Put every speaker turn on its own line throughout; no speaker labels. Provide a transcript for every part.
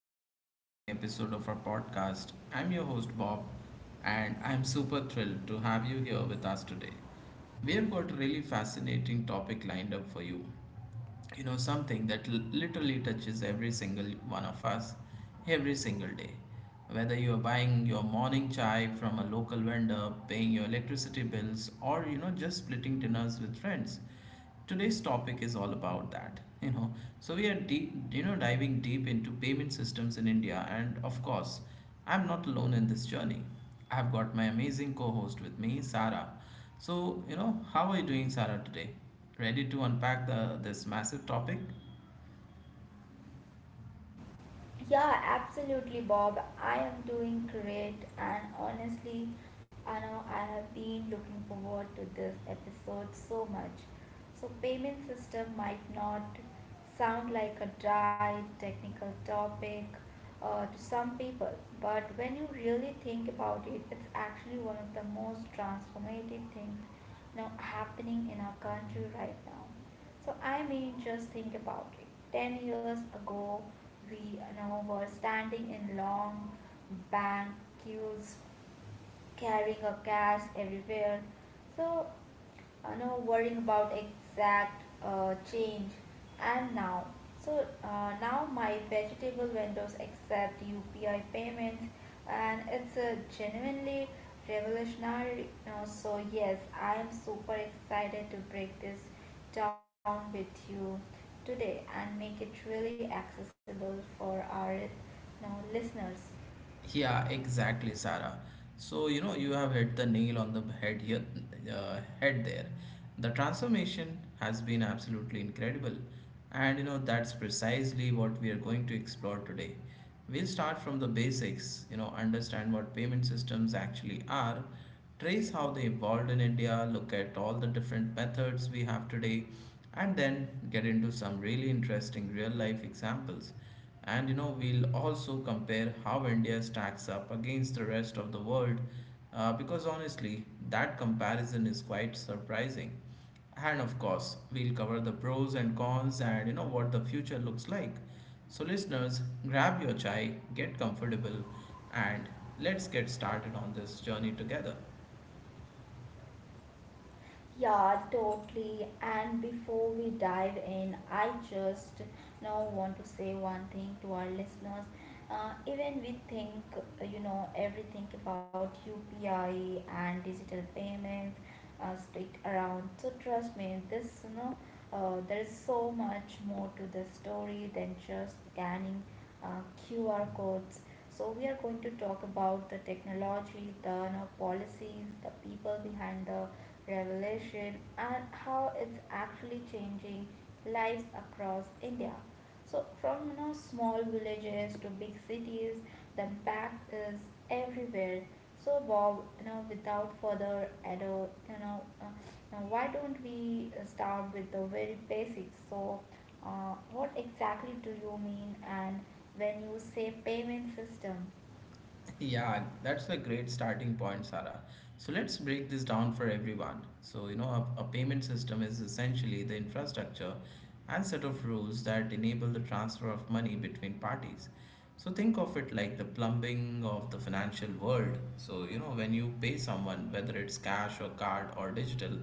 another exciting episode of our podcast. I'm your host Bob, and I'm super thrilled to have you here with us today. We have got a really fascinating topic lined up for you you know something that literally touches every single one of us every single day, whether you are buying your morning chai from a local vendor, paying your electricity bills, or just splitting dinners with friends. Today's topic is all about that. So we are deep you know diving deep into payment systems in India. And of course, I'm not alone in this journey. I've got my amazing co host with me, Sarah. So, how are you doing, Sarah, today? Ready to unpack this massive topic?
Yeah, absolutely, Bob. I am doing great, and honestly, I know I have been looking forward to this episode so much. So, payment system might not sound like a dry technical topic to some people, but when you really think about it, it's actually one of the most transformative things happening in our country right now. So just think about it. 10 years ago, we were standing in long bank queues carrying a cash everywhere. So, no worrying about exact change. And now, now my vegetable vendors accept UPI payments, and it's a genuinely revolutionary. No, so yes, I am super excited to break this down with you today and make it really accessible for our listeners.
Yeah, exactly, Sarah. So, you know, you have hit the nail on the head head there. The transformation has been absolutely incredible. And, you know, that's precisely what we are going to explore today. We'll start from the basics, you know, understand what payment systems actually are, trace how they evolved in India, look at all the different methods we have today, and then get into some really interesting real life examples. And you know, we'll also compare how India stacks up against the rest of the world, because honestly, that comparison is quite surprising. And of course, we'll cover the pros and cons and you know what the future looks like. So, listeners, grab your chai, get comfortable, and let's get started on this journey together.
Yeah, totally. And before we dive in, I just now want to say one thing to our listeners. Even we think, everything about UPI and digital payments stick around. So trust me, there's so much more to the story than just scanning uh, QR codes. So, we are going to talk about the technology, the policies, the people behind the revolution, and how it's actually changing lives across India. So, from small villages to big cities, the impact is everywhere. So, Bob, without further ado, now why don't we start with the very basics? So, what exactly do you mean and when you say payment system?
Yeah, that's a great starting point, Sarah. So let's break this down for everyone. So, you know, a payment system is essentially the infrastructure and set of rules that enable the transfer of money between parties. So, think of it like the plumbing of the financial world. So, you know, when you pay someone, whether it's cash or card or digital,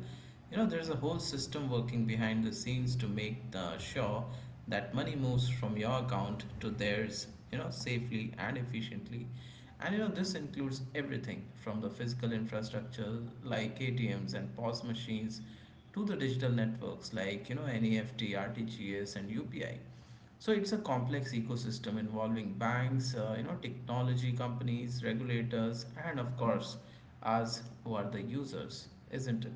you know, there's a whole system working behind the scenes to make the sure that money moves from your account to theirs, you know, safely and efficiently. And you know, this includes everything from the physical infrastructure like ATMs and POS machines to the digital networks like, you know, NEFT, RTGS, and UPI. So it's a complex ecosystem involving banks, you know, technology companies, regulators, and of course, us who are the users, isn't it?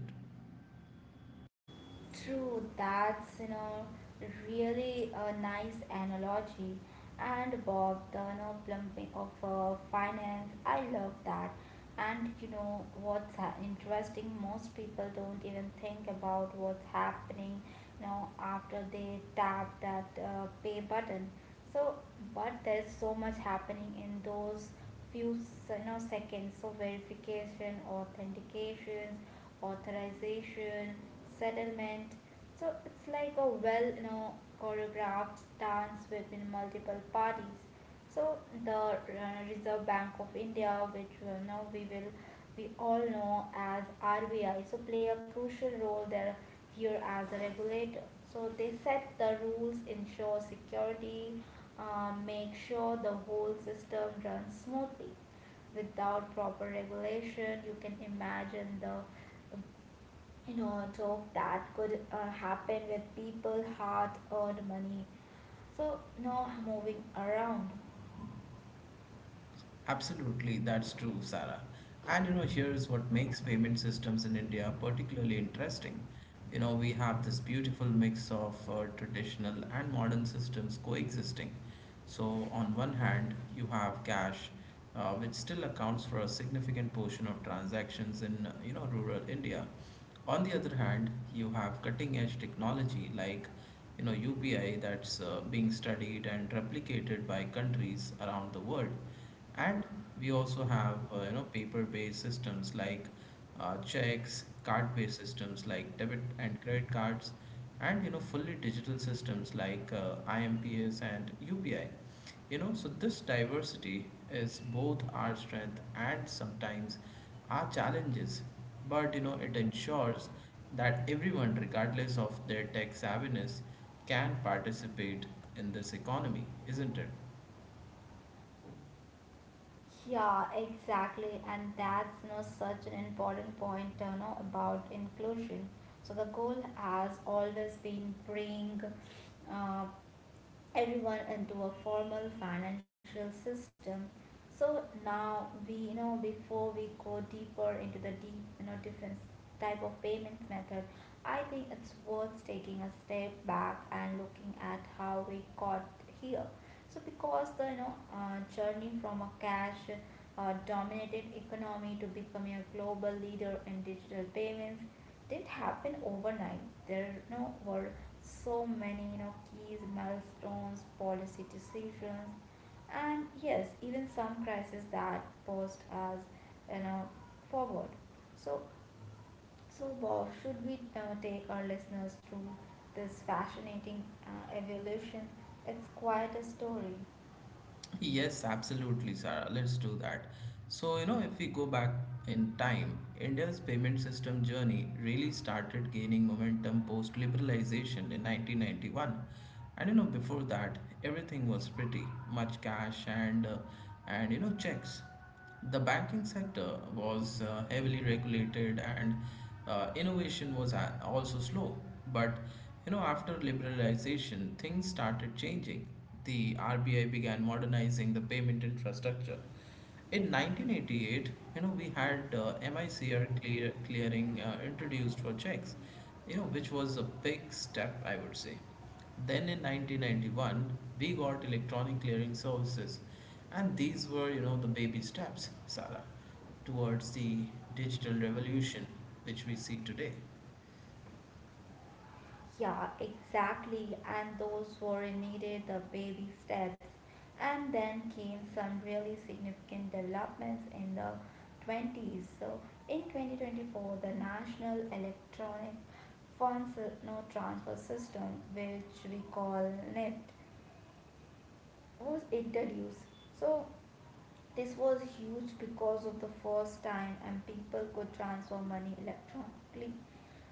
True, that's really a nice analogy. And Bob, the plumping of finance, I love that. And you know what's interesting? Most people don't even think about what's happening, you know, after they tap that pay button. So, but there's so much happening in those few seconds. So verification, authentications, authorization settlement. So it's like a choreographed dance between multiple parties. So the Reserve Bank of India, which we all know as RBI, so play a crucial role there here as a regulator. So they set the rules, ensure security, make sure the whole system runs smoothly. Without proper regulation, you can imagine the joke that could happen with people hard earned money so no moving around.
Absolutely, that's true, Sarah. And you know, here's what makes payment systems in India particularly interesting. You know, we have this beautiful mix of traditional and modern systems coexisting. So, on one hand, you have cash, which still accounts for a significant portion of transactions in, you know, rural India. On the other hand, you have cutting-edge technology like, you know, UPI that's being studied and replicated by countries around the world. And we also have you know, paper-based systems like checks, card-based systems like debit and credit cards, and you know, fully digital systems like IMPS and UPI. You know, so this diversity is both our strength and sometimes our challenges, but you know it ensures that everyone, regardless of their tech savviness, can participate in this economy, isn't it?
Yeah, exactly, and that's such an important point about inclusion. So the goal has always been bring uh, everyone into a formal financial system. So now we you know before we go deeper into the deep you know different type of payments method, I think it's worth taking a step back and looking at how we got here. So because the journey from a cash dominated economy to becoming a global leader in digital payments didn't happen overnight. There were so many keys, milestones, policy decisions, and yes, even some crises that posed as you know forward. So so Bob, should we take our listeners through this fascinating evolution? It's quite a story.
Yes, absolutely, Sarah. Let's do that. So, you know, if we go back in time, India's payment system journey really started gaining momentum post liberalization in 1991. And you know, before that, everything was pretty much cash and you know, checks. The banking sector was heavily regulated, and innovation was also slow. But you know, after liberalization, things started changing. The RBI began modernizing the payment infrastructure in 1988. You know, we had MICR clearing introduced for checks, you know, which was a big step, I would say. Then in 1991, we got electronic clearing services, and these were, you know, the baby steps, Sarah, towards the digital revolution which we see today.
Yeah, exactly. And those were needed the baby steps. And then came some really significant developments in the 20s. So, in 2024, the National Electronic Funds No Transfer System, which we call NEFT, was introduced. So, this was huge because of the first time and people could transfer money electronically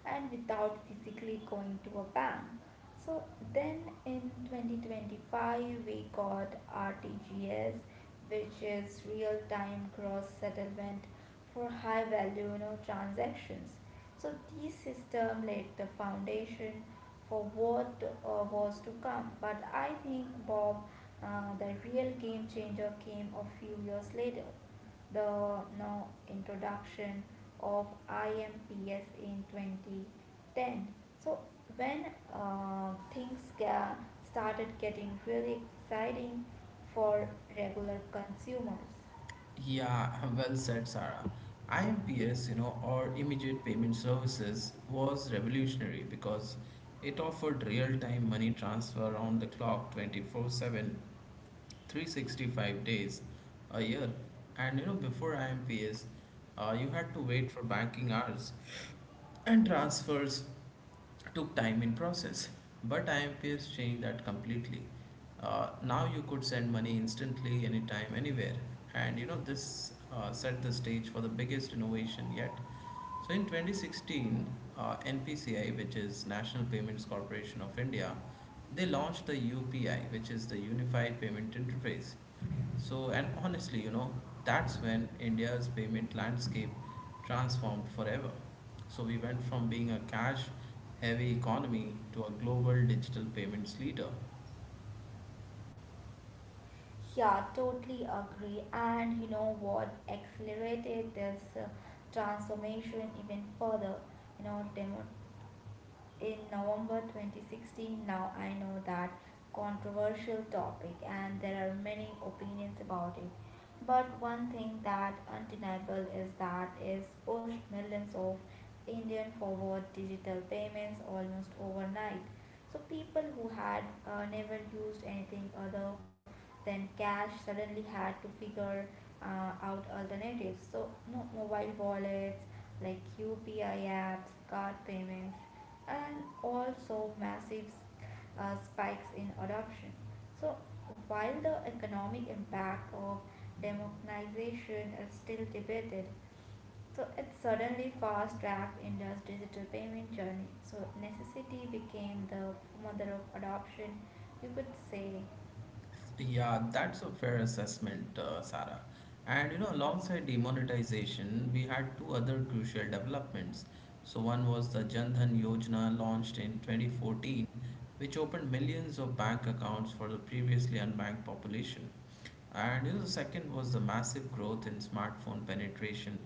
and without physically going to a bank. So then in 2025 we got RTGS, which is real time cross settlement for high value transactions. So these system laid the foundation for what was to come. But I think Bob, the real game changer came a few years later, the no introduction of IMPS in 2010. So when uh, things ga- started getting really exciting for regular consumers.
Yeah, well said, Sarah. IMPS, you know, or Immediate Payment Services, was revolutionary because it offered real-time money transfer around the clock, 24/7, 365 days a year. And you know, before IMPS, you had to wait for banking hours, and transfers took time in process. But IMPS changed that completely. Now you could send money instantly, anytime, anywhere. And you know, this set the stage for the biggest innovation yet. So in 2016, NPCI, which is National Payments Corporation of India, they launched the UPI, which is the Unified Payment Interface. So, and honestly, you know, that's when India's payment landscape transformed forever. So, we went from being a cash heavy economy to a global digital payments leader.
Yeah, totally agree. And you know what accelerated this transformation even further? You know, demo in November 2016. Now I know that controversial topic and there are many opinions about it. But one thing that undeniable is that it's pushed millions of Indian forward digital payments almost overnight. So people who had never used anything other than cash suddenly had to figure out alternatives. So no mobile wallets like UPI apps, card payments, and also massive spikes in adoption. So, while the economic impact of democratization is still debated, so it suddenly fast tracked India's digital payment journey. So, necessity became the mother of adoption, you could say.
Yeah, that's a fair assessment, Sarah. And you know, alongside demonetization, we had two other crucial developments. So one was the Jan Dhan Yojana launched in 2014, which opened millions of bank accounts for the previously unbanked population. And you know, the second was the massive growth in smartphone penetration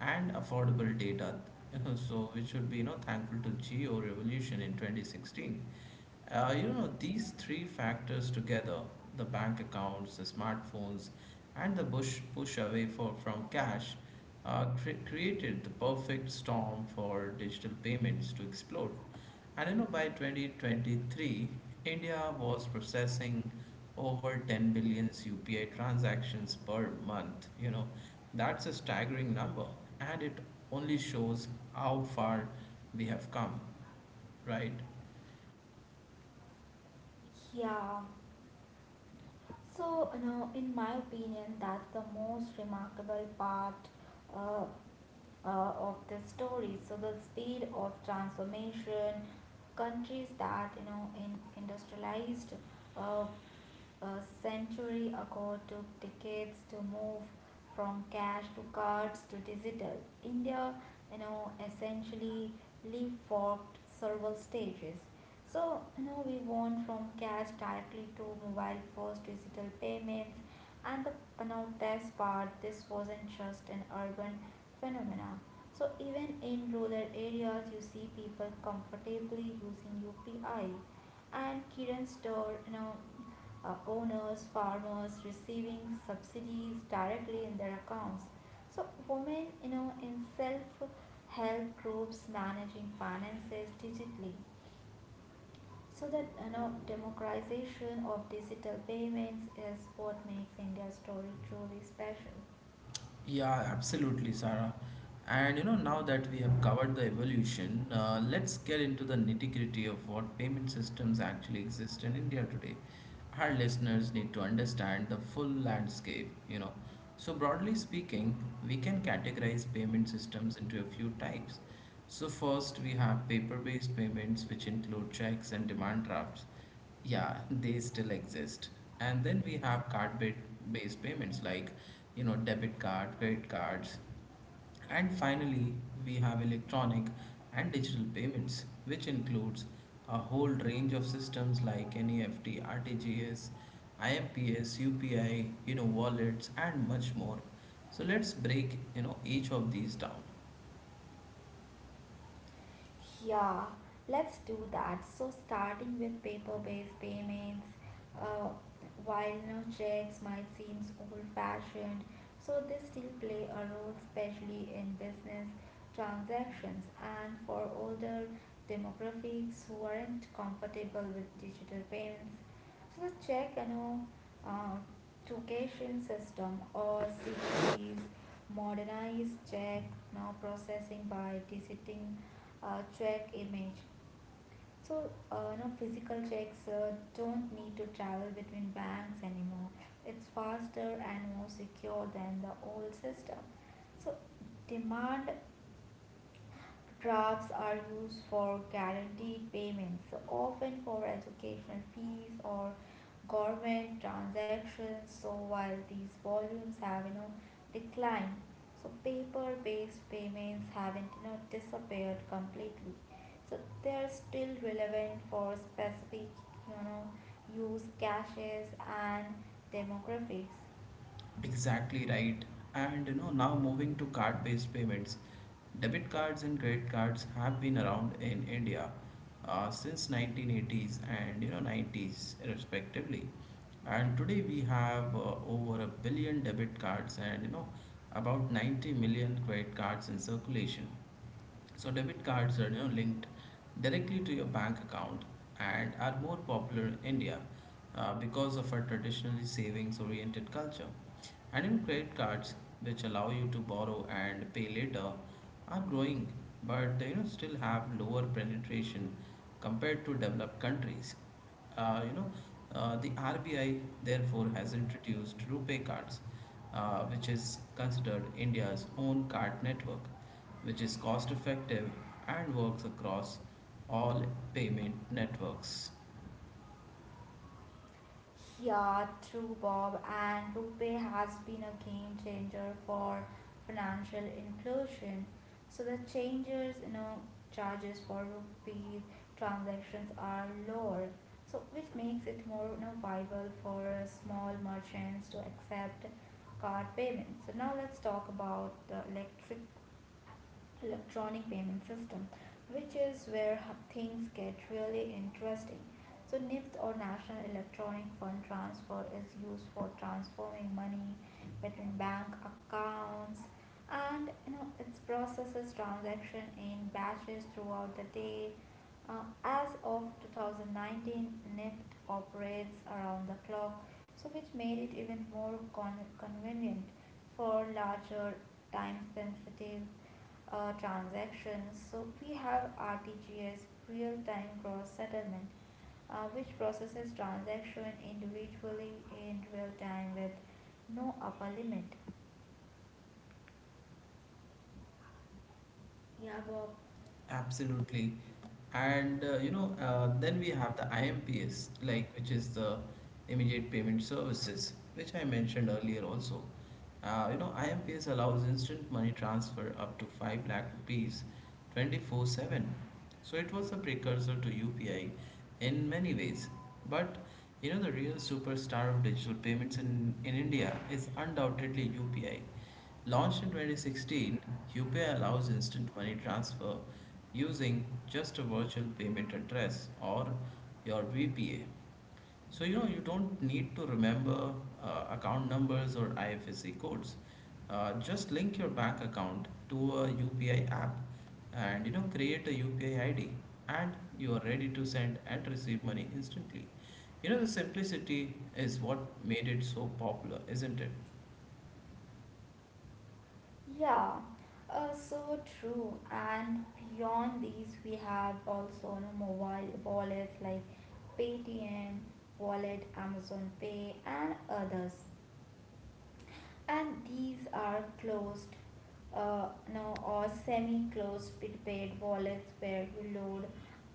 and affordable data. So we should be, you know, thankful to Geo Revolution in 2016. You know, these three factors together, the bank accounts, the smartphones, and the push away from cash created the perfect storm for digital payments to explode. And you know, by 2023, India was processing over 10 billion UPI transactions per month. You know, that's a staggering number, and it only shows how far we have come, right?
Yeah. So, you know, in my opinion, that's the most remarkable part uh, of the story. So the speed of transformation, countries that in industrialized uh, a century ago took decades to move from cash to cards to digital. India, you know, essentially leapfrogged several stages. So, you know, we went from cash directly to mobile first digital payments. And the best part, this wasn't just an urban phenomena. So even in rural areas, you see people comfortably using UPI and Kiran store, owners, farmers receiving subsidies directly in their accounts. So women, you know, in self-help groups managing finances digitally. So that democratization of digital payments is what makes India's story truly special.
Yeah, absolutely, Sarah. And you know, now that we have covered the evolution, let's get into the nitty-gritty of what payment systems actually exist in India today. Our listeners need to understand the full landscape, you know. So, broadly speaking, we can categorize payment systems into a few types. So, first, we have paper based payments, which include checks and demand drafts. Yeah, they still exist. And then we have based payments like, you know, debit card, credit cards. And finally, we have electronic and digital payments, which includes a whole range of systems like NEFT, RTGS, IMPS, UPI, you know, wallets and much more. So let's break, you know, each of these down.
Yeah, let's do that. So starting with paper-based payments. Uh, while no checks might seem old-fashioned, so they still play a role, especially in business transactions and for older demographics who aren't comfortable with digital payments. So the check and uh, token system or CTC's modernized check now processing by digiting a check image. So, physical checks don't need to travel between banks anymore. It's faster and more secure than the old system. So, demand Drafts are used for guaranteed payments, often for education fees or government transactions. So while these volumes have declined, so paper-based payments haven't disappeared completely. So they're still relevant for specific you know use cases and demographics.
Exactly right. And you know, now moving to card-based payments, debit cards and credit cards have been around in India since 1980s and you know 90s respectively. And today we have over a billion debit cards and you know about 90 million credit cards in circulation. So debit cards are, you know, linked directly to your bank account and are more popular in India because of our traditionally savings-oriented culture. And Adult credit cards, which allow you to borrow and pay later, are growing, but they, you know, still have lower penetration compared to developed countries. Uh, you know, the RBI therefore has introduced Rupee cards, which is considered India's own card network, which is cost effective and works across all payment networks.
Yeah, true, Bob. And RuPay has been a game changer for financial inclusion. So the changes, you know, charges for rupee transactions are lower. So which makes it more, you know, viable for small merchants to accept card payments. So now let's talk about the electric electronic payment system, which is where things get really interesting. So NIFT or National Electronic Fund Transfer is used for transferring money between bank accounts, and you know it processes transaction in batches throughout the day. As of 2019, NIFT operates around the clock, so which made it even more convenient for larger time sensitive transactions. So we have RTGS, real-time cross settlement, which processes transaction individually in real time with no upper limit. Yeah, Bob.
Absolutely. And then we have the IMPS, like which is the immediate payment services, which I mentioned earlier also. You know, IMPS allows instant money transfer up to 5 lakh rupees 24/7. So it was a precursor to UPI in many ways. But you know, the real superstar of digital payments in India is undoubtedly UPI. Launched in 2016, UPI allows instant money transfer using just a virtual payment address or your VPA. So, you know, you don't need to remember account numbers or IFSC codes. Just link your bank account to a UPI app and, you know, create a UPI ID, and you are ready to send and receive money instantly. You know, the simplicity is what made it so popular, isn't it?
Yeah, so true. And beyond these, we have also mobile wallets like Paytm, Wallet, Amazon Pay, and others, and these are closed uh, no or semi-closed prepaid wallets where you load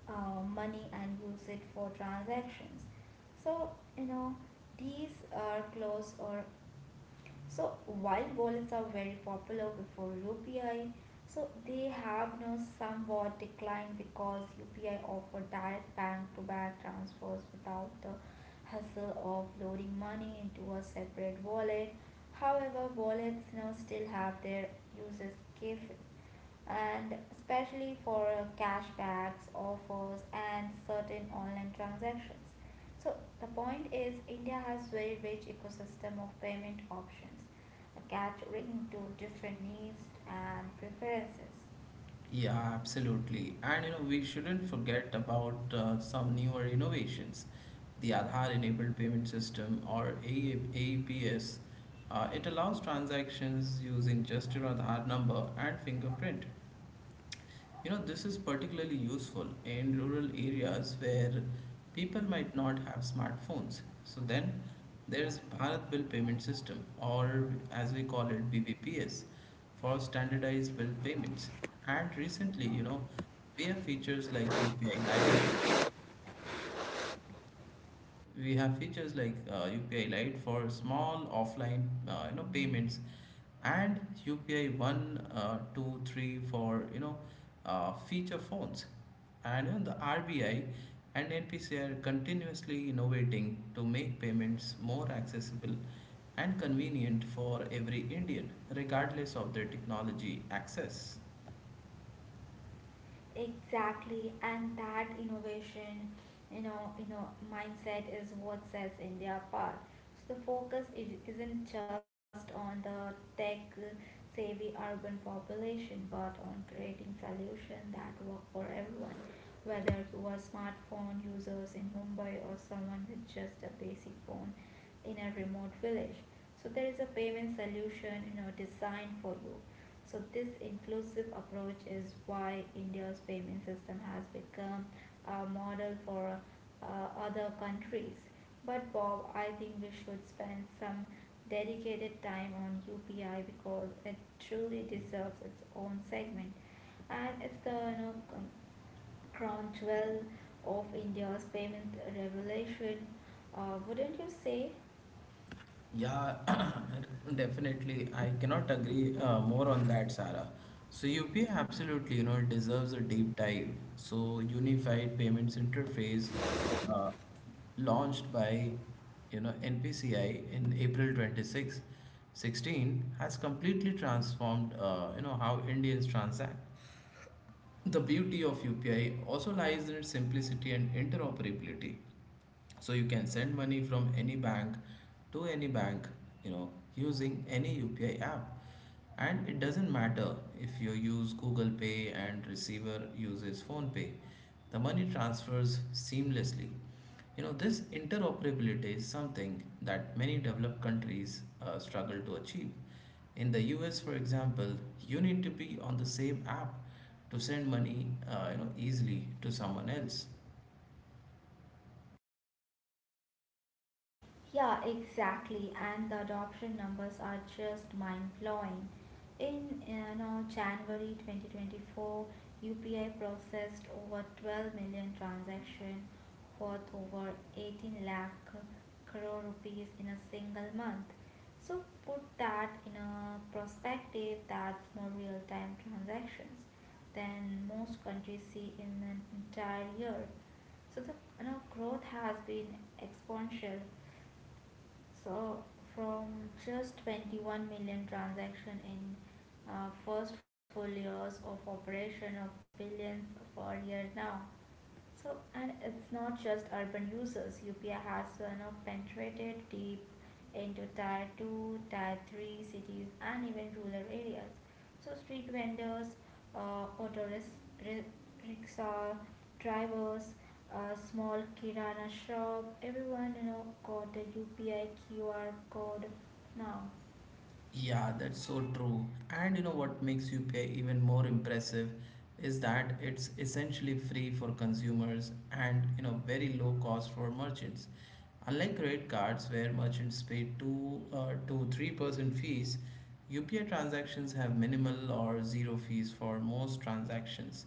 money and use it for transactions. So you know these are closed or So while wallets are very popular before UPI, so they have now somewhat declined because UPI offer direct bank-to-bank transfers without the hassle of loading money into a separate wallet. However, wallets now still have their uses cases, and especially for cashbacks, offers and certain online transactions. So the point is India has very rich ecosystem of payment options, catering to different needs and preferences.
Yeah, absolutely. And you know, we shouldn't forget about some newer innovations, the Aadhaar-enabled payment system or A AEPS. It allows transactions using just your Aadhaar number and fingerprint. You know, this is particularly useful in rural areas where people might not have smartphones. So then there's Bharat Bill Payment System, or as we call it, BBPS, for standardized bill payments. And recently, you know, we have features like UPI Lite. We have features like UPI Lite for small offline, you know, payments and UPI one, two, three, four, feature phones, and even the RBI and NPC are continuously innovating to make payments more accessible and convenient for every Indian, regardless of their technology access.
Exactly, and that innovation, mindset is what sets India apart. So the focus is, isn't just on the tech savvy urban population, but on creating solutions that work for everyone, whether you are smartphone users in Mumbai or someone with just a basic phone in a remote village. So there is a payment solution, you know, designed for you. So, this inclusive approach is why India's payment system has become a model for uh, other countries. But, Bob, I think we should spend some dedicated time on UPI because it truly deserves its own segment, and it's the crown jewel of India's payment revolution. Wouldn't you say?
Yeah, definitely. I cannot agree more on that, Sarah. So UPI absolutely, you know, deserves a deep dive. So unified payments interface launched by you know NPCI in April 26, 16 has completely transformed you know how Indians transact. The beauty of UPI also lies in its simplicity and interoperability, so you can send money from any bank to any bank, you know using any upi app. And it doesn't matter if you use google pay and receiver uses phone pay, the money transfers seamlessly. This interoperability is something that many developed countries struggle to achieve. In the us, for example, you need to be on the same app to send money, easily to someone else.
Yeah, exactly. And the adoption numbers are just mind blowing. In January 2024, UPI processed over 12 million transactions worth over 18 lakh crore rupees in a single month. So put that in a perspective, that's more real time transactions than most countries see in an entire year. So the growth has been exponential. So from just 21 million transaction in first full years of operation of billions per year now. So, and it's not just urban users. UPI has penetrated deep into tier 2, tier 3 cities, and even rural areas. So, street vendors, uh, auto ris- rickshaw drivers, small kirana shop, everyone got a UPI QR code now.
Yeah, that's so true. And what makes UPI even more impressive is that it's essentially free for consumers and very low cost for merchants. Unlike credit cards where merchants pay 2 to 3% fees, UPI transactions have minimal or zero fees for most transactions.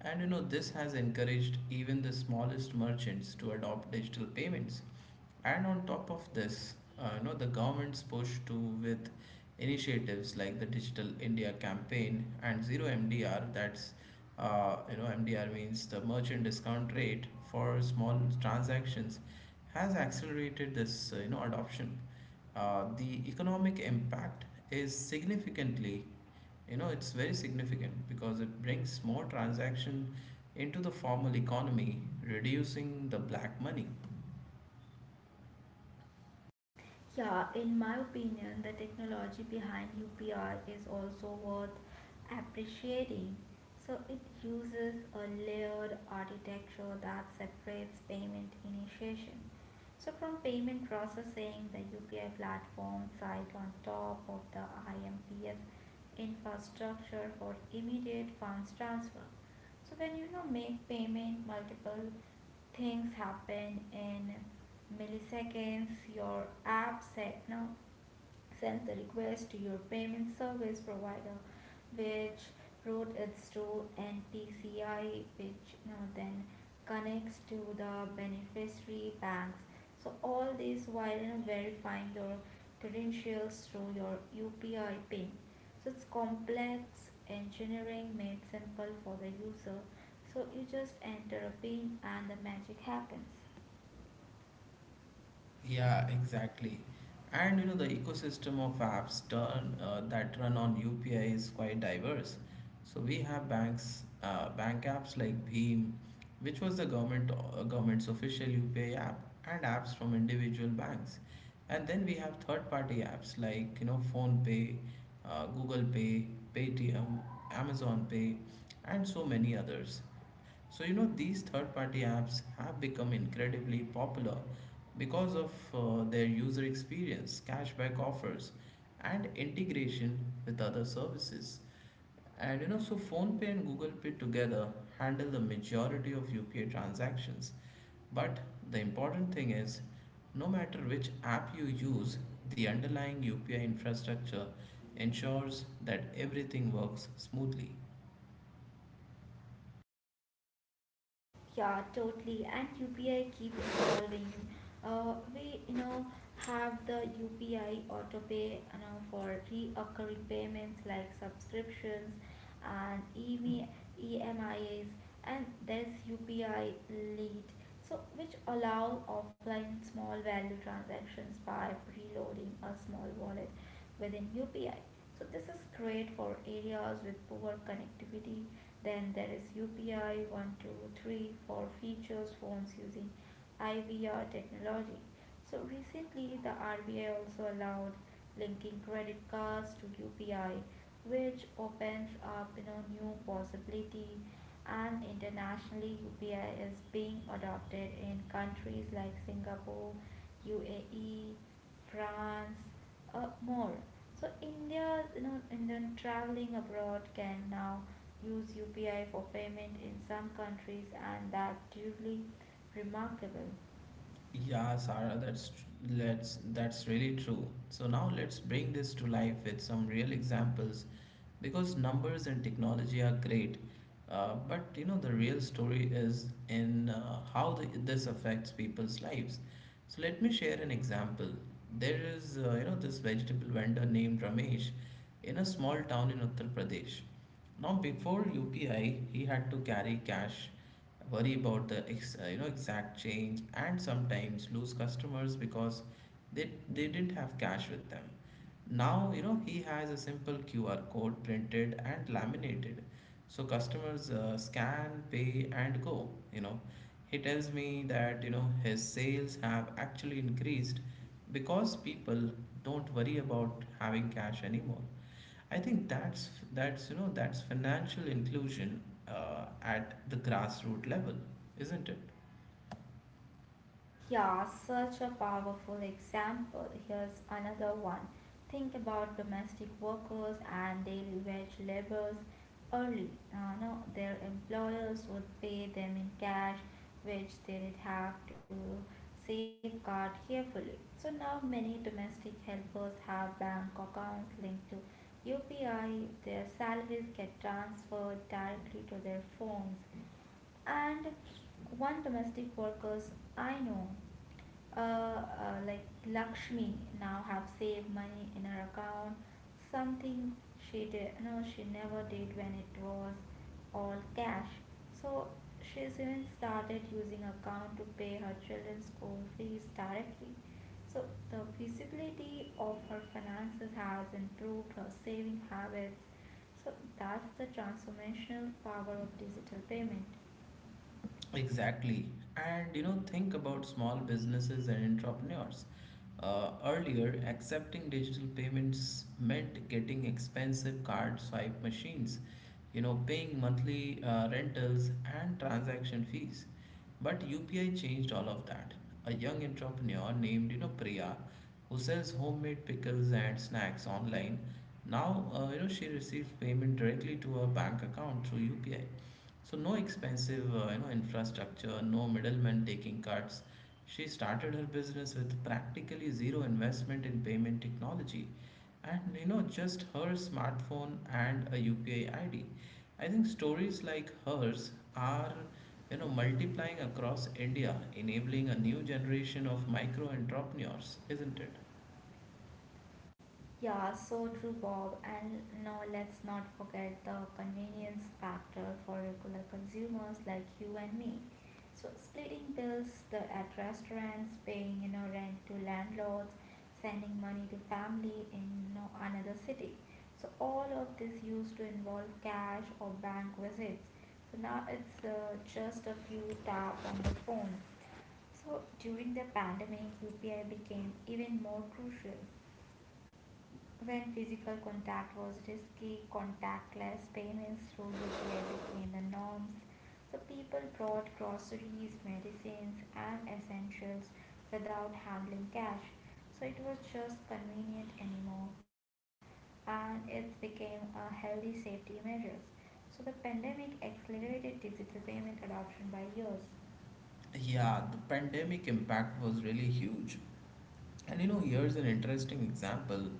And this has encouraged even the smallest merchants to adopt digital payments. And on top of this, the government's push to with initiatives like the Digital India campaign and zero MDR. That's MDR means the merchant discount rate for small transactions has accelerated this adoption. The economic impact is significantly, it's very significant because it brings more transaction into the formal economy, reducing the black money.
Yeah, in my opinion, the technology behind UPR is also worth appreciating. So it uses a layered architecture that separates payment initiation. So from payment processing, the UPI platform sits on top of the IMPS infrastructure for immediate funds transfer. So when make payment, multiple things happen in milliseconds. Your app said no sends the request to your payment service provider, which route it to NPCI, which then connects to the beneficiary banks. So all this while verifying your credentials through your UPI PIN. So it's complex engineering made simple for the user. So you just enter a PIN and the magic happens.
Yeah, exactly. And you know, the ecosystem of that run on UPI is quite diverse. So we have bank apps like Bheem, which was the government's official UPI app, and apps from individual banks. And then we have third-party apps like PhonePe, Google Pay, Paytm, Amazon Pay, and so many others. So, you know, these third party apps have become incredibly popular because of their user experience, cashback offers, and integration with other services. And you know, so PhonePe and Google Pay together handle the majority of UPI transactions. But the important thing is, no matter which app you use, the underlying UPI infrastructure ensures that everything works smoothly.
Yeah, totally. And UPI keep evolving. We have the UPI autopay for reoccurring payments like subscriptions and EMIs, and there's UPI lead. So which allow offline small value transactions by preloading a small wallet within UPI. So this is great for areas with poor connectivity. Then there is UPI 123 for features phones using IVR technology. So recently the RBI also allowed linking credit cards to UPI, which opens up new possibility. And internationally, UPI is being adopted in countries like Singapore, UAE, France, more. So Indian traveling abroad can now use UPI for payment in some countries, and that truly remarkable.
Yeah, Sarah, that's tr- let's that's really true. So now let's bring this to life with some real examples, because numbers and technology are great, but you know the real story is in this affects people's lives. So let me share an example. There is this vegetable vendor named Ramesh in a small town in Uttar Pradesh. Now, before UPI, he had to carry cash, worry about the ex, you know exact change, and sometimes lose customers because they didn't have cash with them. Now, you know he has a simple QR code printed and laminated, so customers scan, pay, and go. You know, he tells me that his sales have actually increased because people don't worry about having cash anymore. I think that's you know that's financial inclusion at the grassroots level, isn't it?
Yeah, such a powerful example. Here's another one. Think about domestic workers and daily wage laborers early. No, their employers would pay them in cash, which they did have to safeguard carefully. So now many domestic helpers have bank accounts linked to UPI. Their salaries get transferred directly to their phones, and one domestic workers I know, like Lakshmi, now have saved money in her account, something she did no she never did when it was all cash. So she's even started using account to pay her children's school fees directly. So the visibility of her finances has improved her saving habits, so that's the transformational power of digital payment.
Exactly. And you know, think about small businesses and entrepreneurs. Earlier, accepting digital payments meant getting expensive card swipe machines, you know, paying monthly rentals and transaction fees. But UPI changed all of that. A young entrepreneur named, you know, Priya, who sells homemade pickles and snacks online, now, she receives payment directly to her bank account through UPI. So no expensive, infrastructure, no middlemen taking cuts. She started her business with practically zero investment in payment technology, and just her smartphone and a UPI ID. I think stories like hers are multiplying across India, enabling a new generation of micro entrepreneurs, isn't it?
Yeah, so true, Bob. And now let's not forget the convenience factor for regular consumers like you and me. So splitting bills at restaurants, paying rent to landlords, sending money to family in another city. So all of this used to involve cash or bank visits. So now it's just a few tap on the phone. So during the pandemic, UPI became even more crucial. When physical contact was risky, contactless payments through UPI became the norms. So people brought groceries, medicines, and essentials without handling cash. So it was just convenient anymore, and it became a healthy safety measures. So the pandemic accelerated digital payment adoption by years.
Yeah, the pandemic impact was really huge. And you know, here's an interesting example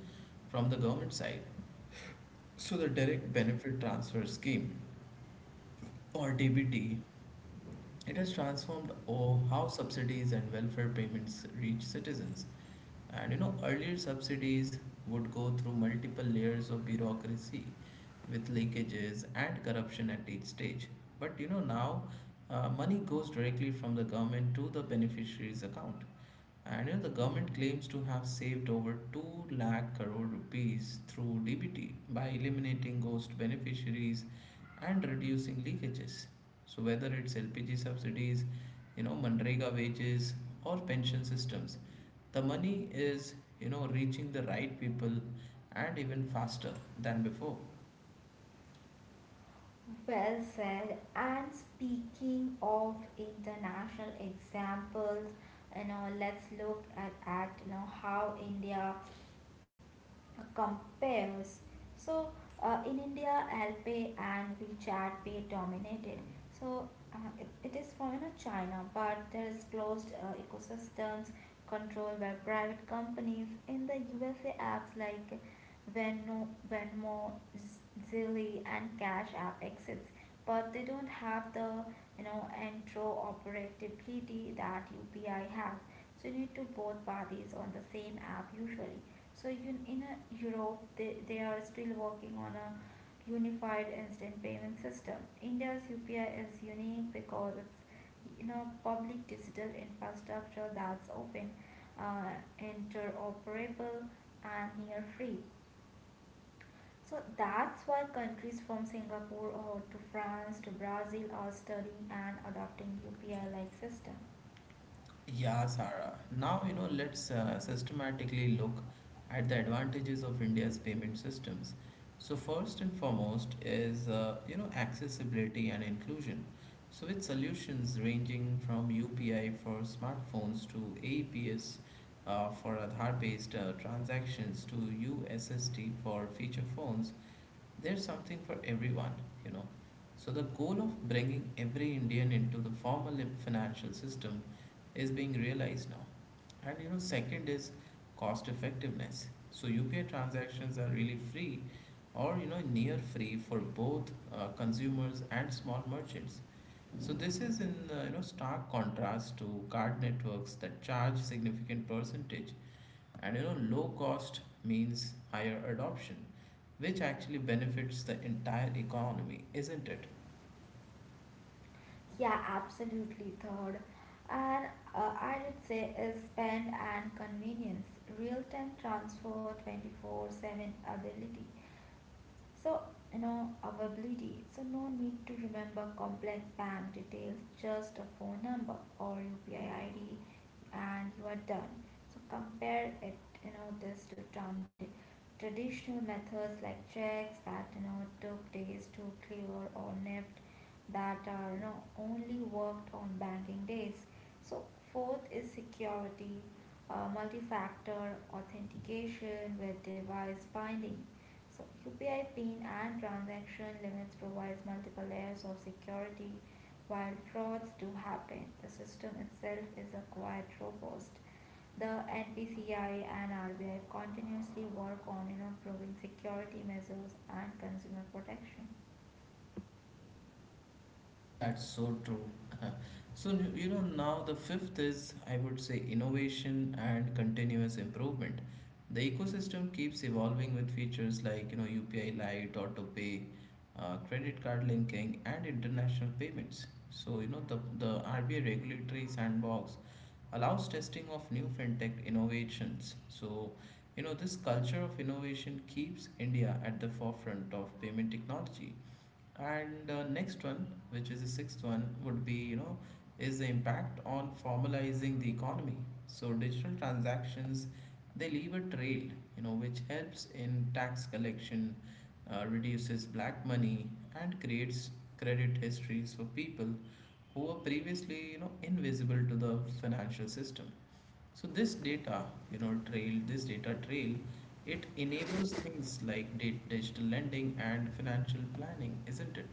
from the government side. So the direct benefit transfer scheme, or DBT, it has transformed how subsidies and welfare payments reach citizens. And you know, earlier subsidies would go through multiple layers of bureaucracy with leakages and corruption at each stage. But you know now money goes directly from the government to the beneficiary's account. And you know, the government claims to have saved over 2 lakh crore rupees through DBT by eliminating ghost beneficiaries and reducing leakages. So whether it's LPG subsidies, you know, Mandrega wages or pension systems, the money is, you know, reaching the right people and even faster than before.
Well said. And speaking of international examples, let's look at how India compares. So in India, Alpay and WeChat Pay dominated. So it is from China, but there is closed ecosystems controlled by private companies. In the USA, apps like Venmo, Z- Zilli, and Cash App exist, but they don't have the interoperability that UPI has. So you need to both parties on the same app usually. So in Europe, they are still working on a unified instant payment system. India's UPI is unique because it's public digital infrastructure that's open, uh, interoperable, and near free. So that's why countries from Singapore or to France to Brazil are studying and adopting UPI like system.
Yeah, Sarah. Now, you know, let's systematically look at the advantages of India's payment systems. So, first and foremost is, accessibility and inclusion. So, with solutions ranging from UPI for smartphones to APS for Aadhaar-based transactions to USSD for feature phones, there's something for everyone, you know. So, the goal of bringing every Indian into the formal financial system is being realized now. And you know, second is cost effectiveness. So, UPI transactions are really free or you know, near free for both consumers and small merchants. So, this is in stark contrast to card networks that charge significant percentage, and you know, low cost means higher adoption, which actually benefits the entire economy, isn't it?
Yeah, absolutely. Third, and I would say is spend and convenience. Real time transfer, 24/7 ability. So, availability. So, no need to remember complex bank details, just a phone number or UPI ID, and you are done. So, compare it, this to traditional methods like checks that took days to clear or NEFT that are only worked on banking days. So, fourth is security, multi factor authentication with device binding. So, UPI PIN and transaction limits provides multiple layers of security while frauds do happen. The system itself is a quite robust. The NPCI and RBI continuously work on improving security measures and consumer protection.
That's so true. So, you know, now the fifth is, I would say, innovation and continuous improvement. The ecosystem keeps evolving with features like, you know, UPI Lite, auto pay, credit card linking, and international payments. So, you know, the RBI regulatory sandbox allows testing of new fintech innovations. So, you know, this culture of innovation keeps India at the forefront of payment technology. And next one, which is the sixth one, would be is the impact on formalizing the economy. So digital transactions, they leave a trail, you know, which helps in tax collection, reduces black money, and creates credit histories for people who were previously invisible to the financial system. So this data trail, it enables things like digital lending and financial planning, isn't it?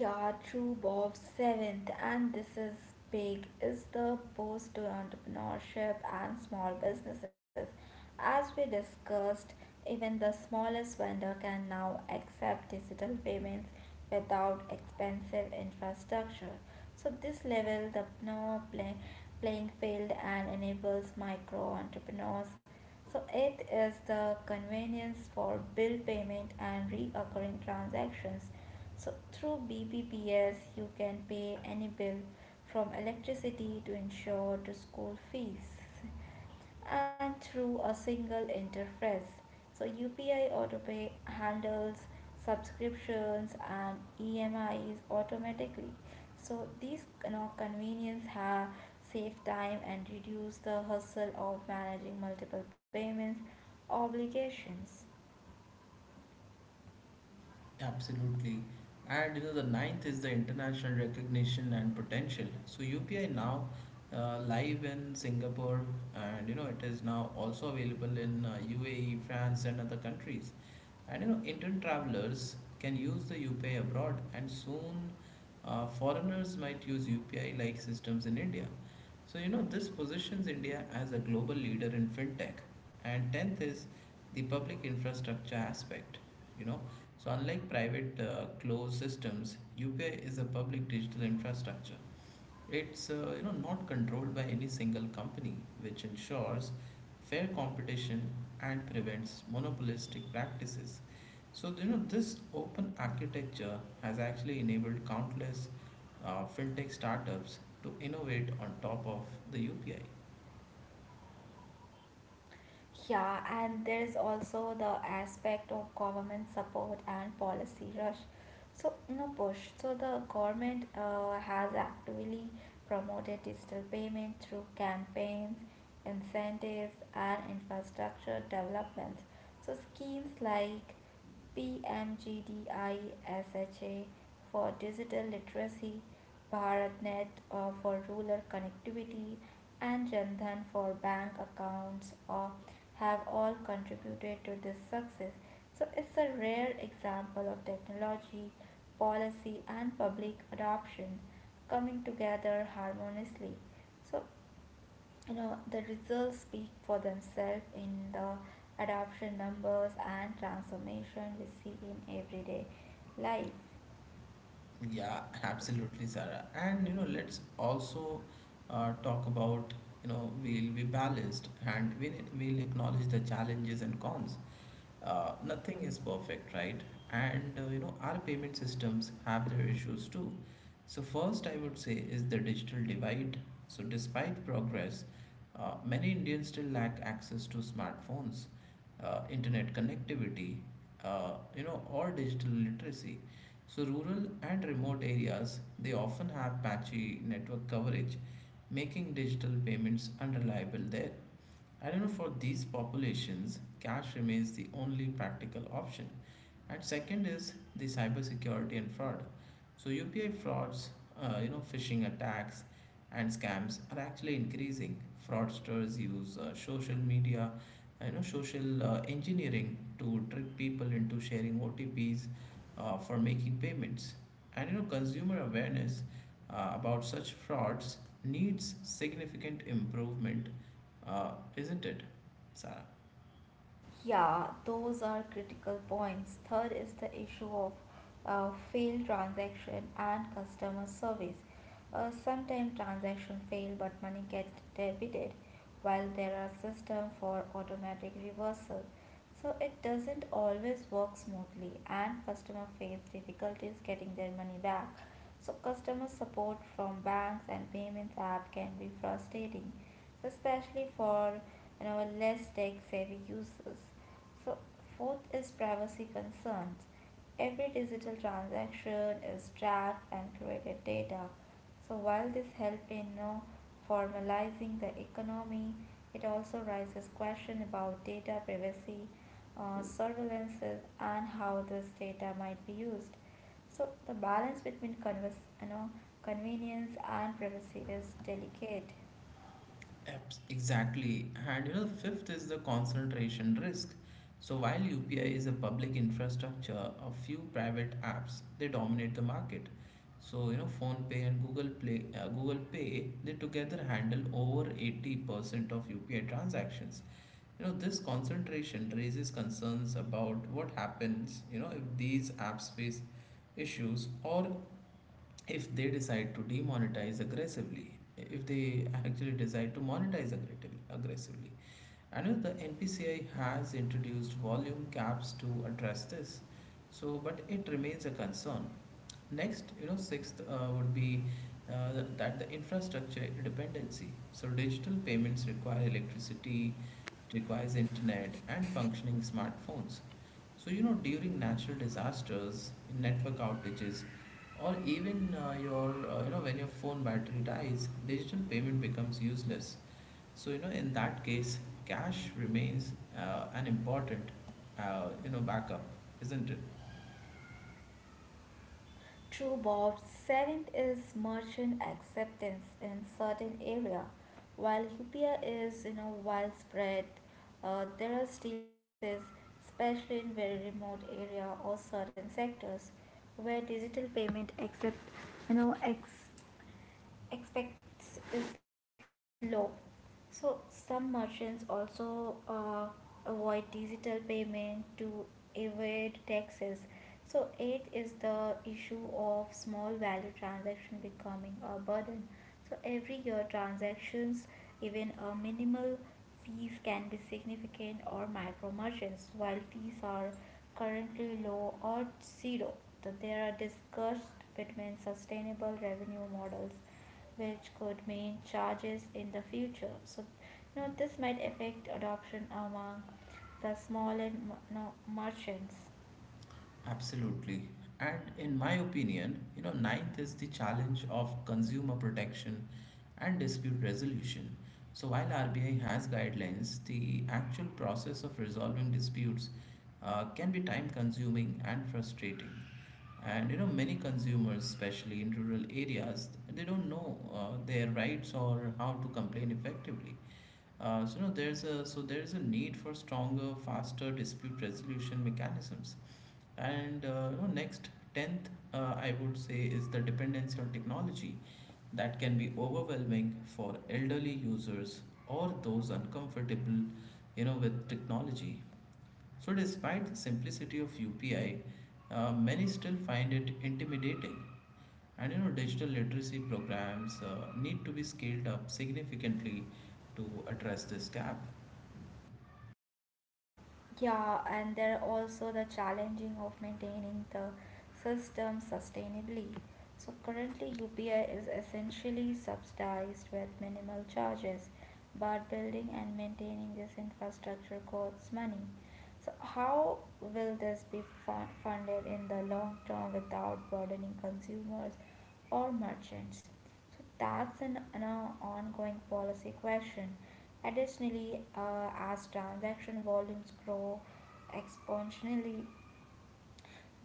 Yeah, true, Bob. Seventh, and this is big, is the boost to entrepreneurship and small businesses. As we discussed, even the smallest vendor can now accept digital payments without expensive infrastructure. So this level the no play, playing field and enables micro entrepreneurs. So it is the convenience for bill payment and recurring transactions, so through BBPS, you can pay any bill from electricity to insure to school fees and through a single interface. So UPI AutoPay handles subscriptions and EMIs automatically. So these convenience have save time and reduce the hustle of managing multiple payments obligations.
Absolutely. And you know, the ninth is the international recognition and potential. So UPI now live in Singapore, and you know, it is now also available in UAE, France, and other countries. And you know, Indian travelers can use the UPI abroad, and soon foreigners might use UPI like systems in India. So, you know, this positions India as a global leader in fintech. And 10th is the public infrastructure aspect. You know, so unlike private closed systems, UPI is a public digital infrastructure. It's not controlled by any single company, which ensures fair competition and prevents monopolistic practices. So you know this open architecture has actually enabled countless fintech startups to innovate on top of the UPI.
Yeah, and there is also the aspect of government support and policy rush. So, no push. So, the government has actively promoted digital payment through campaigns, incentives, and infrastructure developments. So, schemes like PMGDISHA for digital literacy, BharatNet for rural connectivity, and Jandhan for bank accounts have all contributed to this success. So it's a rare example of technology, policy, and public adoption coming together harmoniously. So the results speak for themselves in the adoption numbers and transformation we see in everyday life.
Yeah, absolutely, Sarah. And you know, let's also talk about, we'll be balanced and we'll acknowledge the challenges and cons. Nothing is perfect, right? And our payment systems have their issues too. So, first, I would say is the digital divide. So, despite progress, many Indians still lack access to smartphones, internet connectivity, or digital literacy. So, rural and remote areas they often have patchy network coverage, making digital payments unreliable there. I don't know, for these populations, cash remains the only practical option. And second is the cybersecurity and fraud. So UPI frauds, phishing attacks and scams are actually increasing. Fraudsters use social media, social engineering to trick people into sharing OTPs for making payments. And you know, consumer awareness about such frauds needs significant improvement, isn't it, Sarah?
Yeah, those are critical points. Third is the issue of failed transaction and customer service. Sometimes transaction fail but money gets debited, while there are system for automatic reversal. So it doesn't always work smoothly, and customer face difficulties getting their money back. So customer support from banks and payments app can be frustrating, especially for less tech savvy users. So, fourth is privacy concerns. Every digital transaction is tracked and created data. So, while this helps in no formalizing the economy, it also raises questions about data privacy, surveillances, and how this data might be used. So, the balance between convenience and privacy is delicate.
Exactly. And you know, fifth is the concentration risk. So while UPI is a public infrastructure, a few private apps they dominate the market. So you know, PhonePe and Google Play, Google Pay, they together handle over 80% of UPI transactions. You know, this concentration raises concerns about what happens, you know, if these apps face issues or if they decide to demonetize aggressively if they actually decide to monetize aggressively. I know the npci has introduced volume caps to address this, so but it remains a concern. Next, you know, sixth would be th- that the infrastructure dependency. So digital payments require electricity, it requires internet and functioning smartphones. So you know, during natural disasters, network outages, or even your you know when your phone battery dies, digital payment becomes useless. So you know, in that case, cash remains an important, backup, isn't it?
True, Bob. Seventh is merchant acceptance in certain area. While Upia is widespread, there are still places, especially in very remote area or certain sectors, where digital payment accept you know ex- expects is low. So some merchants also avoid digital payment to evade taxes. So it is the issue of small value transaction becoming a burden, so every year transactions, even a minimal fees can be significant or micro merchants, while fees are currently low or zero, so they are discussed between sustainable revenue models which could mean charges in the future. So this might affect adoption among the small and m- no, merchants.
Absolutely. And in my opinion, you know, ninth is the challenge of consumer protection and dispute resolution. So while RBI has guidelines, the actual process of resolving disputes can be time consuming and frustrating. And you know, many consumers, especially in rural areas, they don't know their rights or how to complain effectively. So there is a need for stronger, faster dispute resolution mechanisms. And next, 10th, I would say, is the dependency on technology that can be overwhelming for elderly users or those uncomfortable, you know, with technology. So, despite the simplicity of UPI, many still find it intimidating. And digital literacy programs need to be scaled up significantly to address this gap.
Yeah, and there are also the challenging of maintaining the system sustainably. So currently UPI is essentially subsidized with minimal charges, but building and maintaining this infrastructure costs money. So how will this be funded in the long term without burdening consumers or merchants? So that's an ongoing policy question. Additionally, as transaction volumes grow exponentially,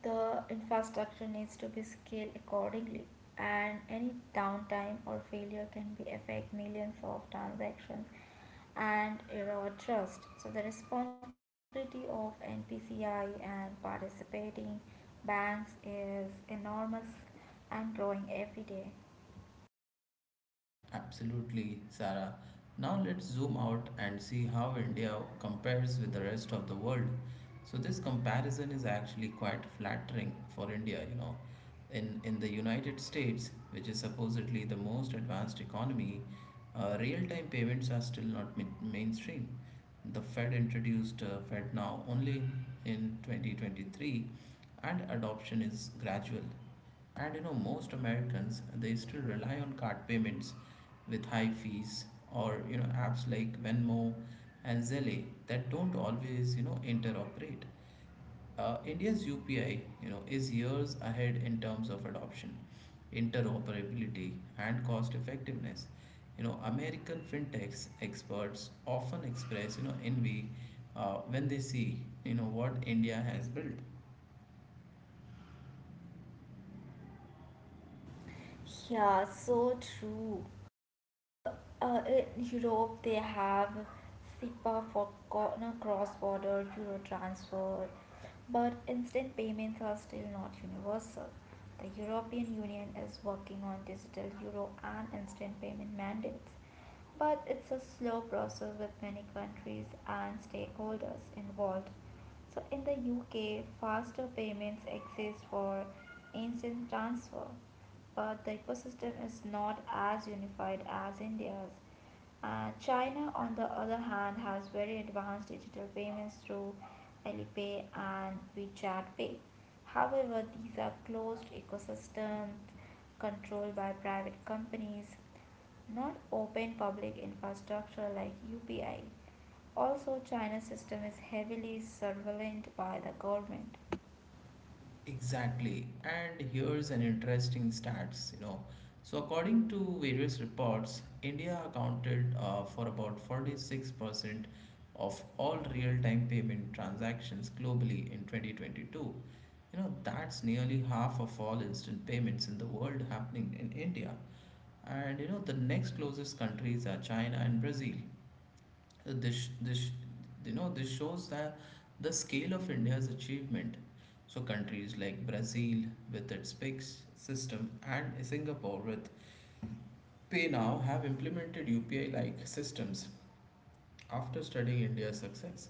the infrastructure needs to be scaled accordingly, and any downtime or failure can be affect millions of transactions and erode trust. So the responsibility of NPCI and participating banks is enormous and growing every day.
Absolutely, Sarah. Now let's zoom out and see how India compares with the rest of the world. So this comparison is actually quite flattering for India. In the United States, which is supposedly the most advanced economy, real-time payments are still not mainstream. The Fed introduced Fed Now only in 2023, and adoption is gradual. And most Americans, they still rely on card payments with high fees, or apps like Venmo and Zelle that don't always interoperate. India's UPI is years ahead in terms of adoption, interoperability, and cost effectiveness. American fintechs experts often express envy when they see what India has built.
Yeah, so true. Uh, in Europe, they have SEPA for co- no, cross-border euro transfer, but instant payments are still not universal. The European Union is working on digital euro and instant payment mandates, but it's a slow process with many countries and stakeholders involved. So in the UK, faster payments exist for instant transfer, but the ecosystem is not as unified as India's. China on the other hand, has very advanced digital payments through Alipay and WeChat Pay. However, these are closed ecosystems controlled by private companies, not open public infrastructure like UPI. Also, China's system is heavily surveilled by the government.
Exactly. And here's an interesting stats. So according to various reports, India accounted for about 46% of all real-time payment transactions globally in 2022. You know, that's nearly half of all instant payments in the world happening in India. And the next closest countries are China and Brazil. This this shows that the scale of india's achievement, so countries like brazil with its big system, and singapore with pay now, have implemented upi like systems after studying india's success.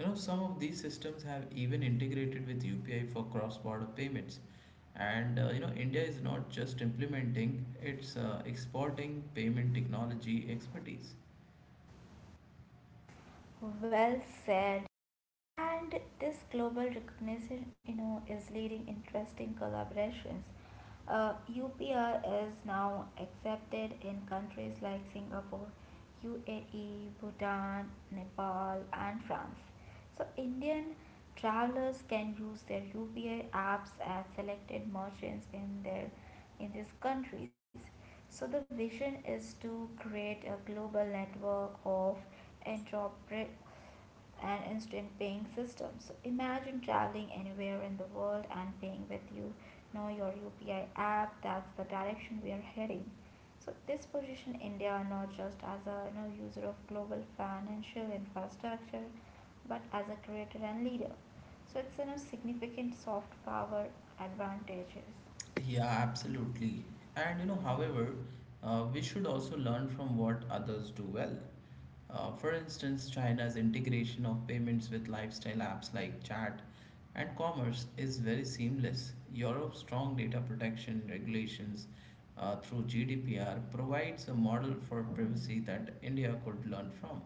Some of these systems have even integrated with upi for cross border payments, and india is not just implementing, it's exporting payment technology expertise.
Well said. And this global recognition, is leading interesting collaborations. UPR is now accepted in countries like Singapore, UAE, Bhutan, Nepal, and France. So Indian travelers can use their UPI apps at selected merchants in their in these countries. So the vision is to create a global network of entrepreneurs and instant paying system. So imagine traveling anywhere in the world and paying with your UPI app. That's the direction we are heading. So this position India not just as a user of global financial infrastructure, but as a creator and leader. So it's significant soft power advantages.
Yeah, absolutely. And however, we should also learn from what others do well. For instance, China's integration of payments with lifestyle apps like chat and commerce is very seamless. Europe's strong data protection regulations through GDPR provides a model for privacy that India could learn from.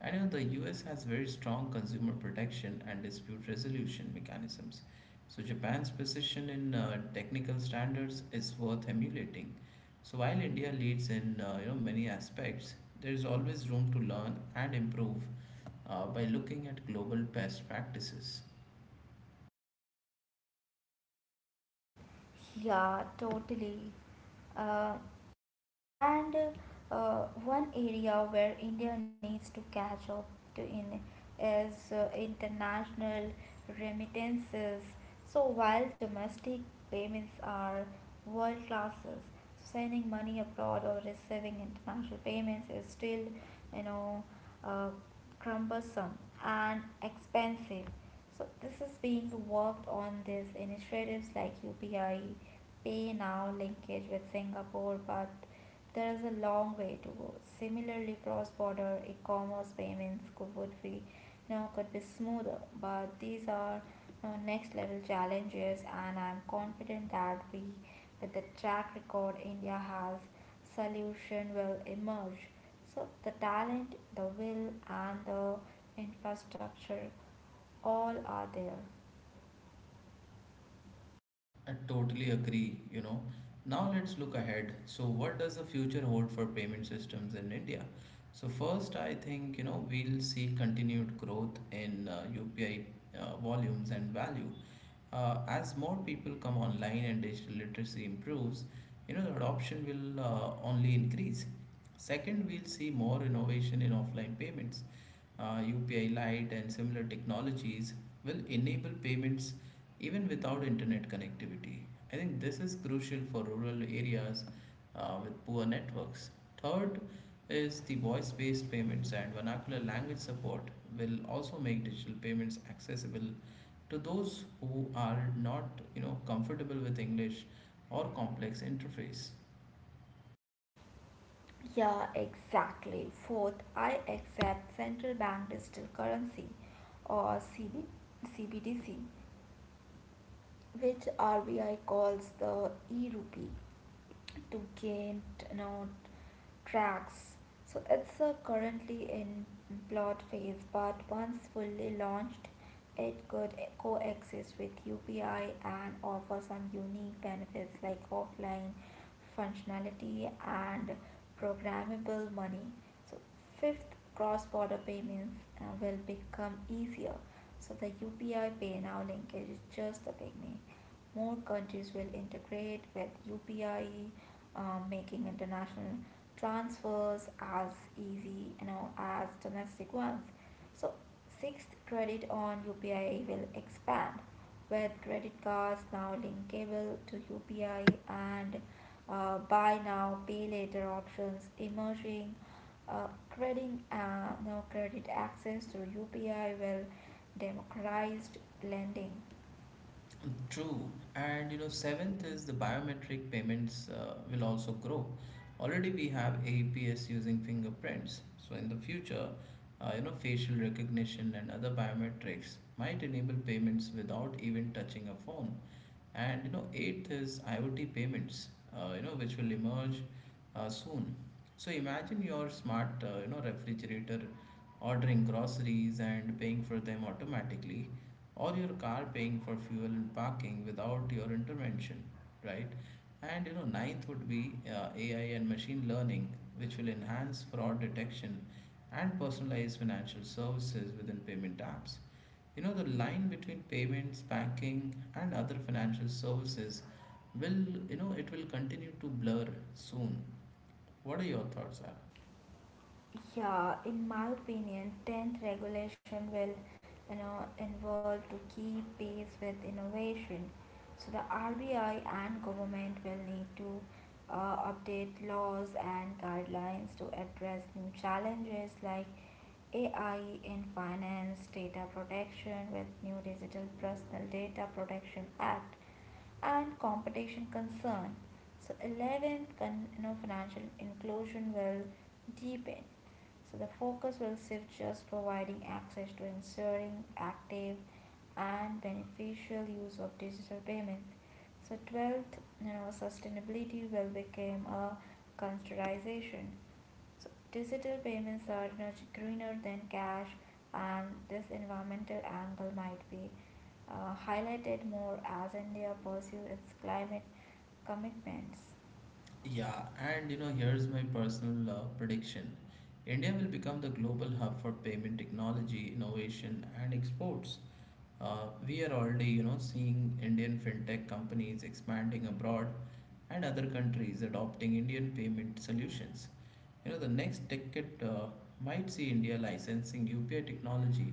I know the US has very strong consumer protection and dispute resolution mechanisms, so Japan's position in technical standards is worth emulating. So while India leads in many aspects, there is always room to learn and improve by looking at global best practices.
Yeah, totally. Uh, And one area where India needs to catch up to in is international remittances. So while domestic payments are world classes, so sending money abroad or receiving international payments is still, you know, uh, cumbersome and expensive. So this is being worked on. These initiatives like UPI, Pay Now linkage with Singapore, but there is a long way to go. Similarly, cross-border e-commerce payments could be smoother, but these are next level challenges, and I'm confident that we, with the track record India has, solution will emerge. So the talent, the will, and the infrastructure all are there.
I totally agree. Now let's look ahead. So what does the future hold for payment systems in India? So first, I think, we'll see continued growth in UPI volumes and value. As more people come online and digital literacy improves, the adoption will only increase. Second, we'll see more innovation in offline payments, UPI Lite, and similar technologies will enable payments even without internet connectivity. I think this is crucial for rural areas with poor networks. Third is the voice based payments and vernacular language support will also make digital payments accessible to those who are not comfortable with English or complex interface.
Yeah, exactly. Fourth, I accept central bank digital currency or CBDC, which RBI calls the e-rupee, to gain you know, tracks. So it's currently in pilot phase, but once fully launched, it could coexist with UPI and offer some unique benefits like offline functionality and programmable money. So fifth, cross-border payments will become easier. So the UPI Pay Now linkage is just the beginning. More countries will integrate with UPI, making international transfers as easy, as domestic ones. So sixth, credit on UPI will expand with credit cards now linkable to UPI, and buy now pay later options emerging. Uh, crediting uh, Credit access through UPI will democratized lending.
True, and seventh is the biometric payments will also grow. Already we have APS using fingerprints, so in the future, facial recognition and other biometrics might enable payments without even touching a phone. And eighth is IoT payments, which will emerge soon. So imagine your smart, refrigerator ordering groceries and paying for them automatically, or your car paying for fuel and parking without your intervention, right? And ninth would be AI and machine learning, which will enhance fraud detection and personalized financial services within payment apps. You know, the line between payments, banking, and other financial services will, it will continue to blur soon. What are your thoughts, Ara?
Yeah, in my opinion, 10th regulation will, involve to keep pace with innovation. So the RBI and government will need to update laws and guidelines to address new challenges like AI in finance, data protection with new Digital Personal Data Protection Act, and competition concern. So 11th, financial inclusion will deepen, so the focus will shift just providing access to ensuring active and beneficial use of digital payments. So 12th, sustainability will become a consideration. So digital payments are much greener than cash, and this environmental angle might be highlighted more as India pursues its climate commitments.
Yeah, and here's my personal prediction. India will become the global hub for payment technology, innovation, and exports. We are already, seeing Indian fintech companies expanding abroad and other countries adopting Indian payment solutions. The next decade might see India licensing UPI technology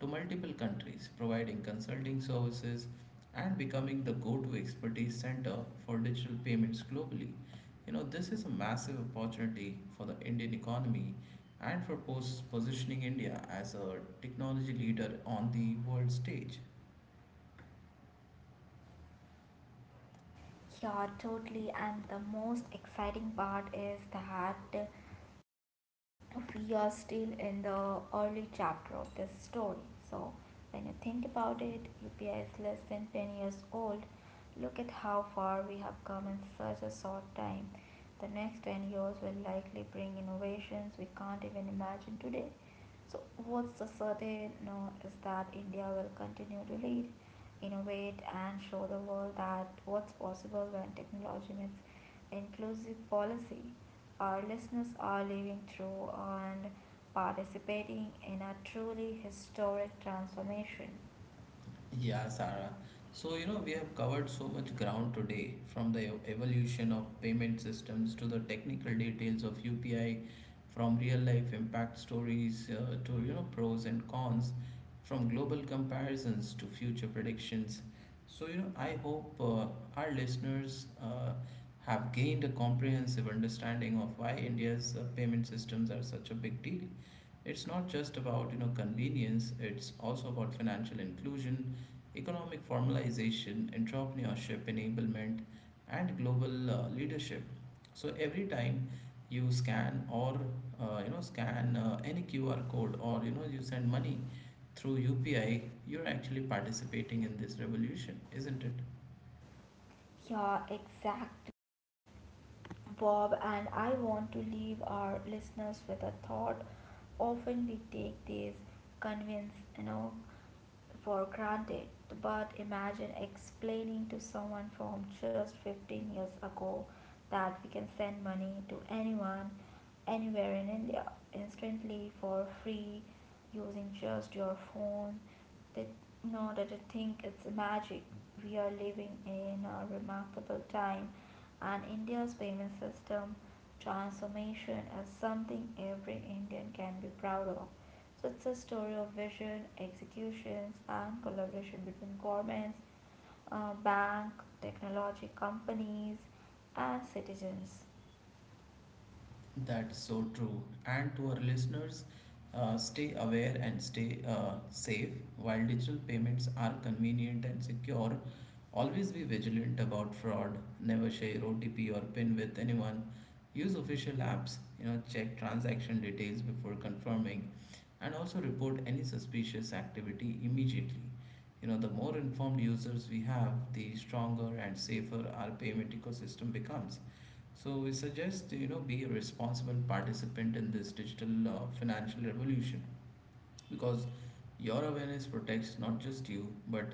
to multiple countries, providing consulting services and becoming the go to expertise center for digital payments globally. This is a massive opportunity for the Indian economy and for positioning India as a technology leader on the world stage.
Yeah, totally. And the most exciting part is that we are still in the early chapter of this story. So, when you think about it, UPI is less than 10 years old. Look at how far we have come in such a short time. The next 10 years will likely bring innovations we can't even imagine today. So, what's the certain no is that India will continue to lead, innovate, and show the world that what's possible when technology meets inclusive policy. Our listeners are living through and participating in a truly historic transformation.
Yeah, Sarah. So, we have covered so much ground today, from the evolution of payment systems to the technical details of UPI, from real life impact stories to, pros and cons, from global comparisons to future predictions. So, I hope our listeners have gained a comprehensive understanding of why India's payment systems are such a big deal. It's not just about convenience, it's also about financial inclusion, economic formalization, entrepreneurship enablement, and global leadership. So every time you scan or scan any QR code, or you send money through UPI, you're actually participating in this revolution, isn't it?
Yeah, exactly. Bob, and I want to leave our listeners with a thought. Often we take these convince, for granted, but imagine explaining to someone from just 15 years ago that we can send money to anyone anywhere in India instantly for free using just your phone. That know that I think it's magic. We are living in a remarkable time, and India's payment system transformation is something every Indian can be proud of. So it's a story of vision, executions, and collaboration between governments, bank, technology companies, and citizens.
That's so true. And to our listeners, stay aware and stay safe. While digital payments are convenient and secure, always be vigilant about fraud. Never share OTP or PIN with anyone. Use official apps. You know, check transaction details before confirming, and also report any suspicious activity immediately. You know, the more informed users we have, the stronger and safer our payment ecosystem becomes. So we suggest be a responsible participant in this digital financial revolution, because your awareness protects not just you, but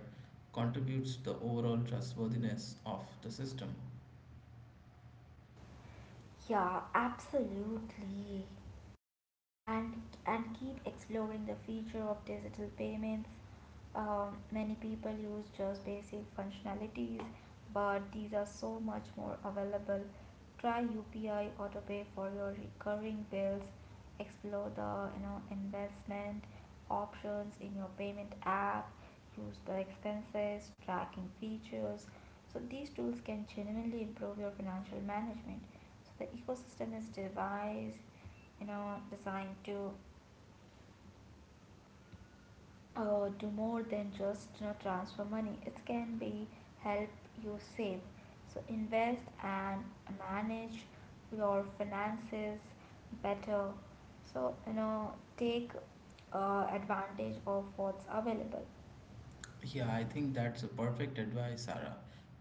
contributes the overall trustworthiness of the system.
Yeah, absolutely. And keep exploring the future of digital payments. Many people use just basic functionalities, but these are so much more available. Try UPI AutoPay for your recurring bills. Explore the, investment options in your payment app. Use the expenses tracking features. So these tools can genuinely improve your financial management. So the ecosystem is devised, designed to do more than just, transfer money. It can be help you save, so invest and manage your finances better. So, take advantage of what's available.
Yeah, I think that's a perfect advice, Sarah.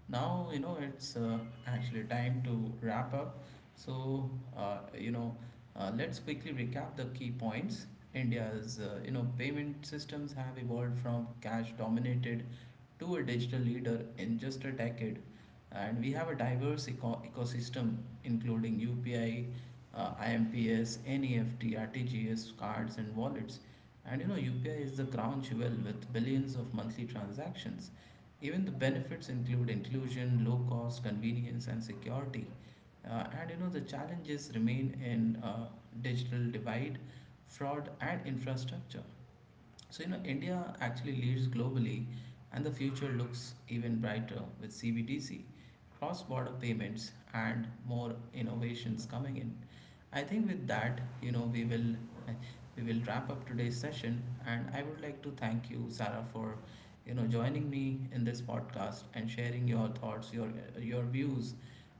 Now it's actually time to wrap up. So uh, you know, let's quickly recap the key points. India's payment systems have evolved from cash-dominated to a digital leader in just a decade. And we have a diverse ecosystem including UPI, IMPS, NEFT, RTGS, cards, and wallets. And UPI is the crown jewel with billions of monthly transactions. Even the benefits include inclusion, low cost, convenience, and security. And the challenges remain in digital divide, fraud, and infrastructure. So, India actually leads globally, and the future looks even brighter with CBDC, cross border payments, and more innovations coming in. I think with that, we will wrap up today's session. And I would like to thank you, Sarah, for joining me in this podcast and sharing your thoughts, your views.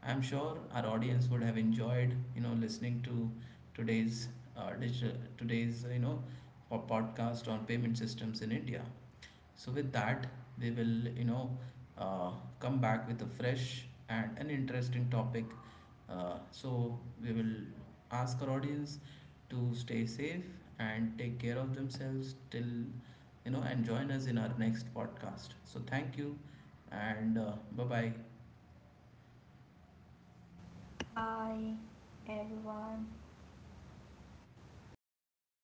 I'm sure our audience would have enjoyed listening to today's digital today's you know podcast on payment systems in India. So with that, we will uh, come back with a fresh and an interesting topic. So we will ask our audience to stay safe and take care of themselves till and join us in our next podcast. So thank you, and bye bye.
Bye, everyone.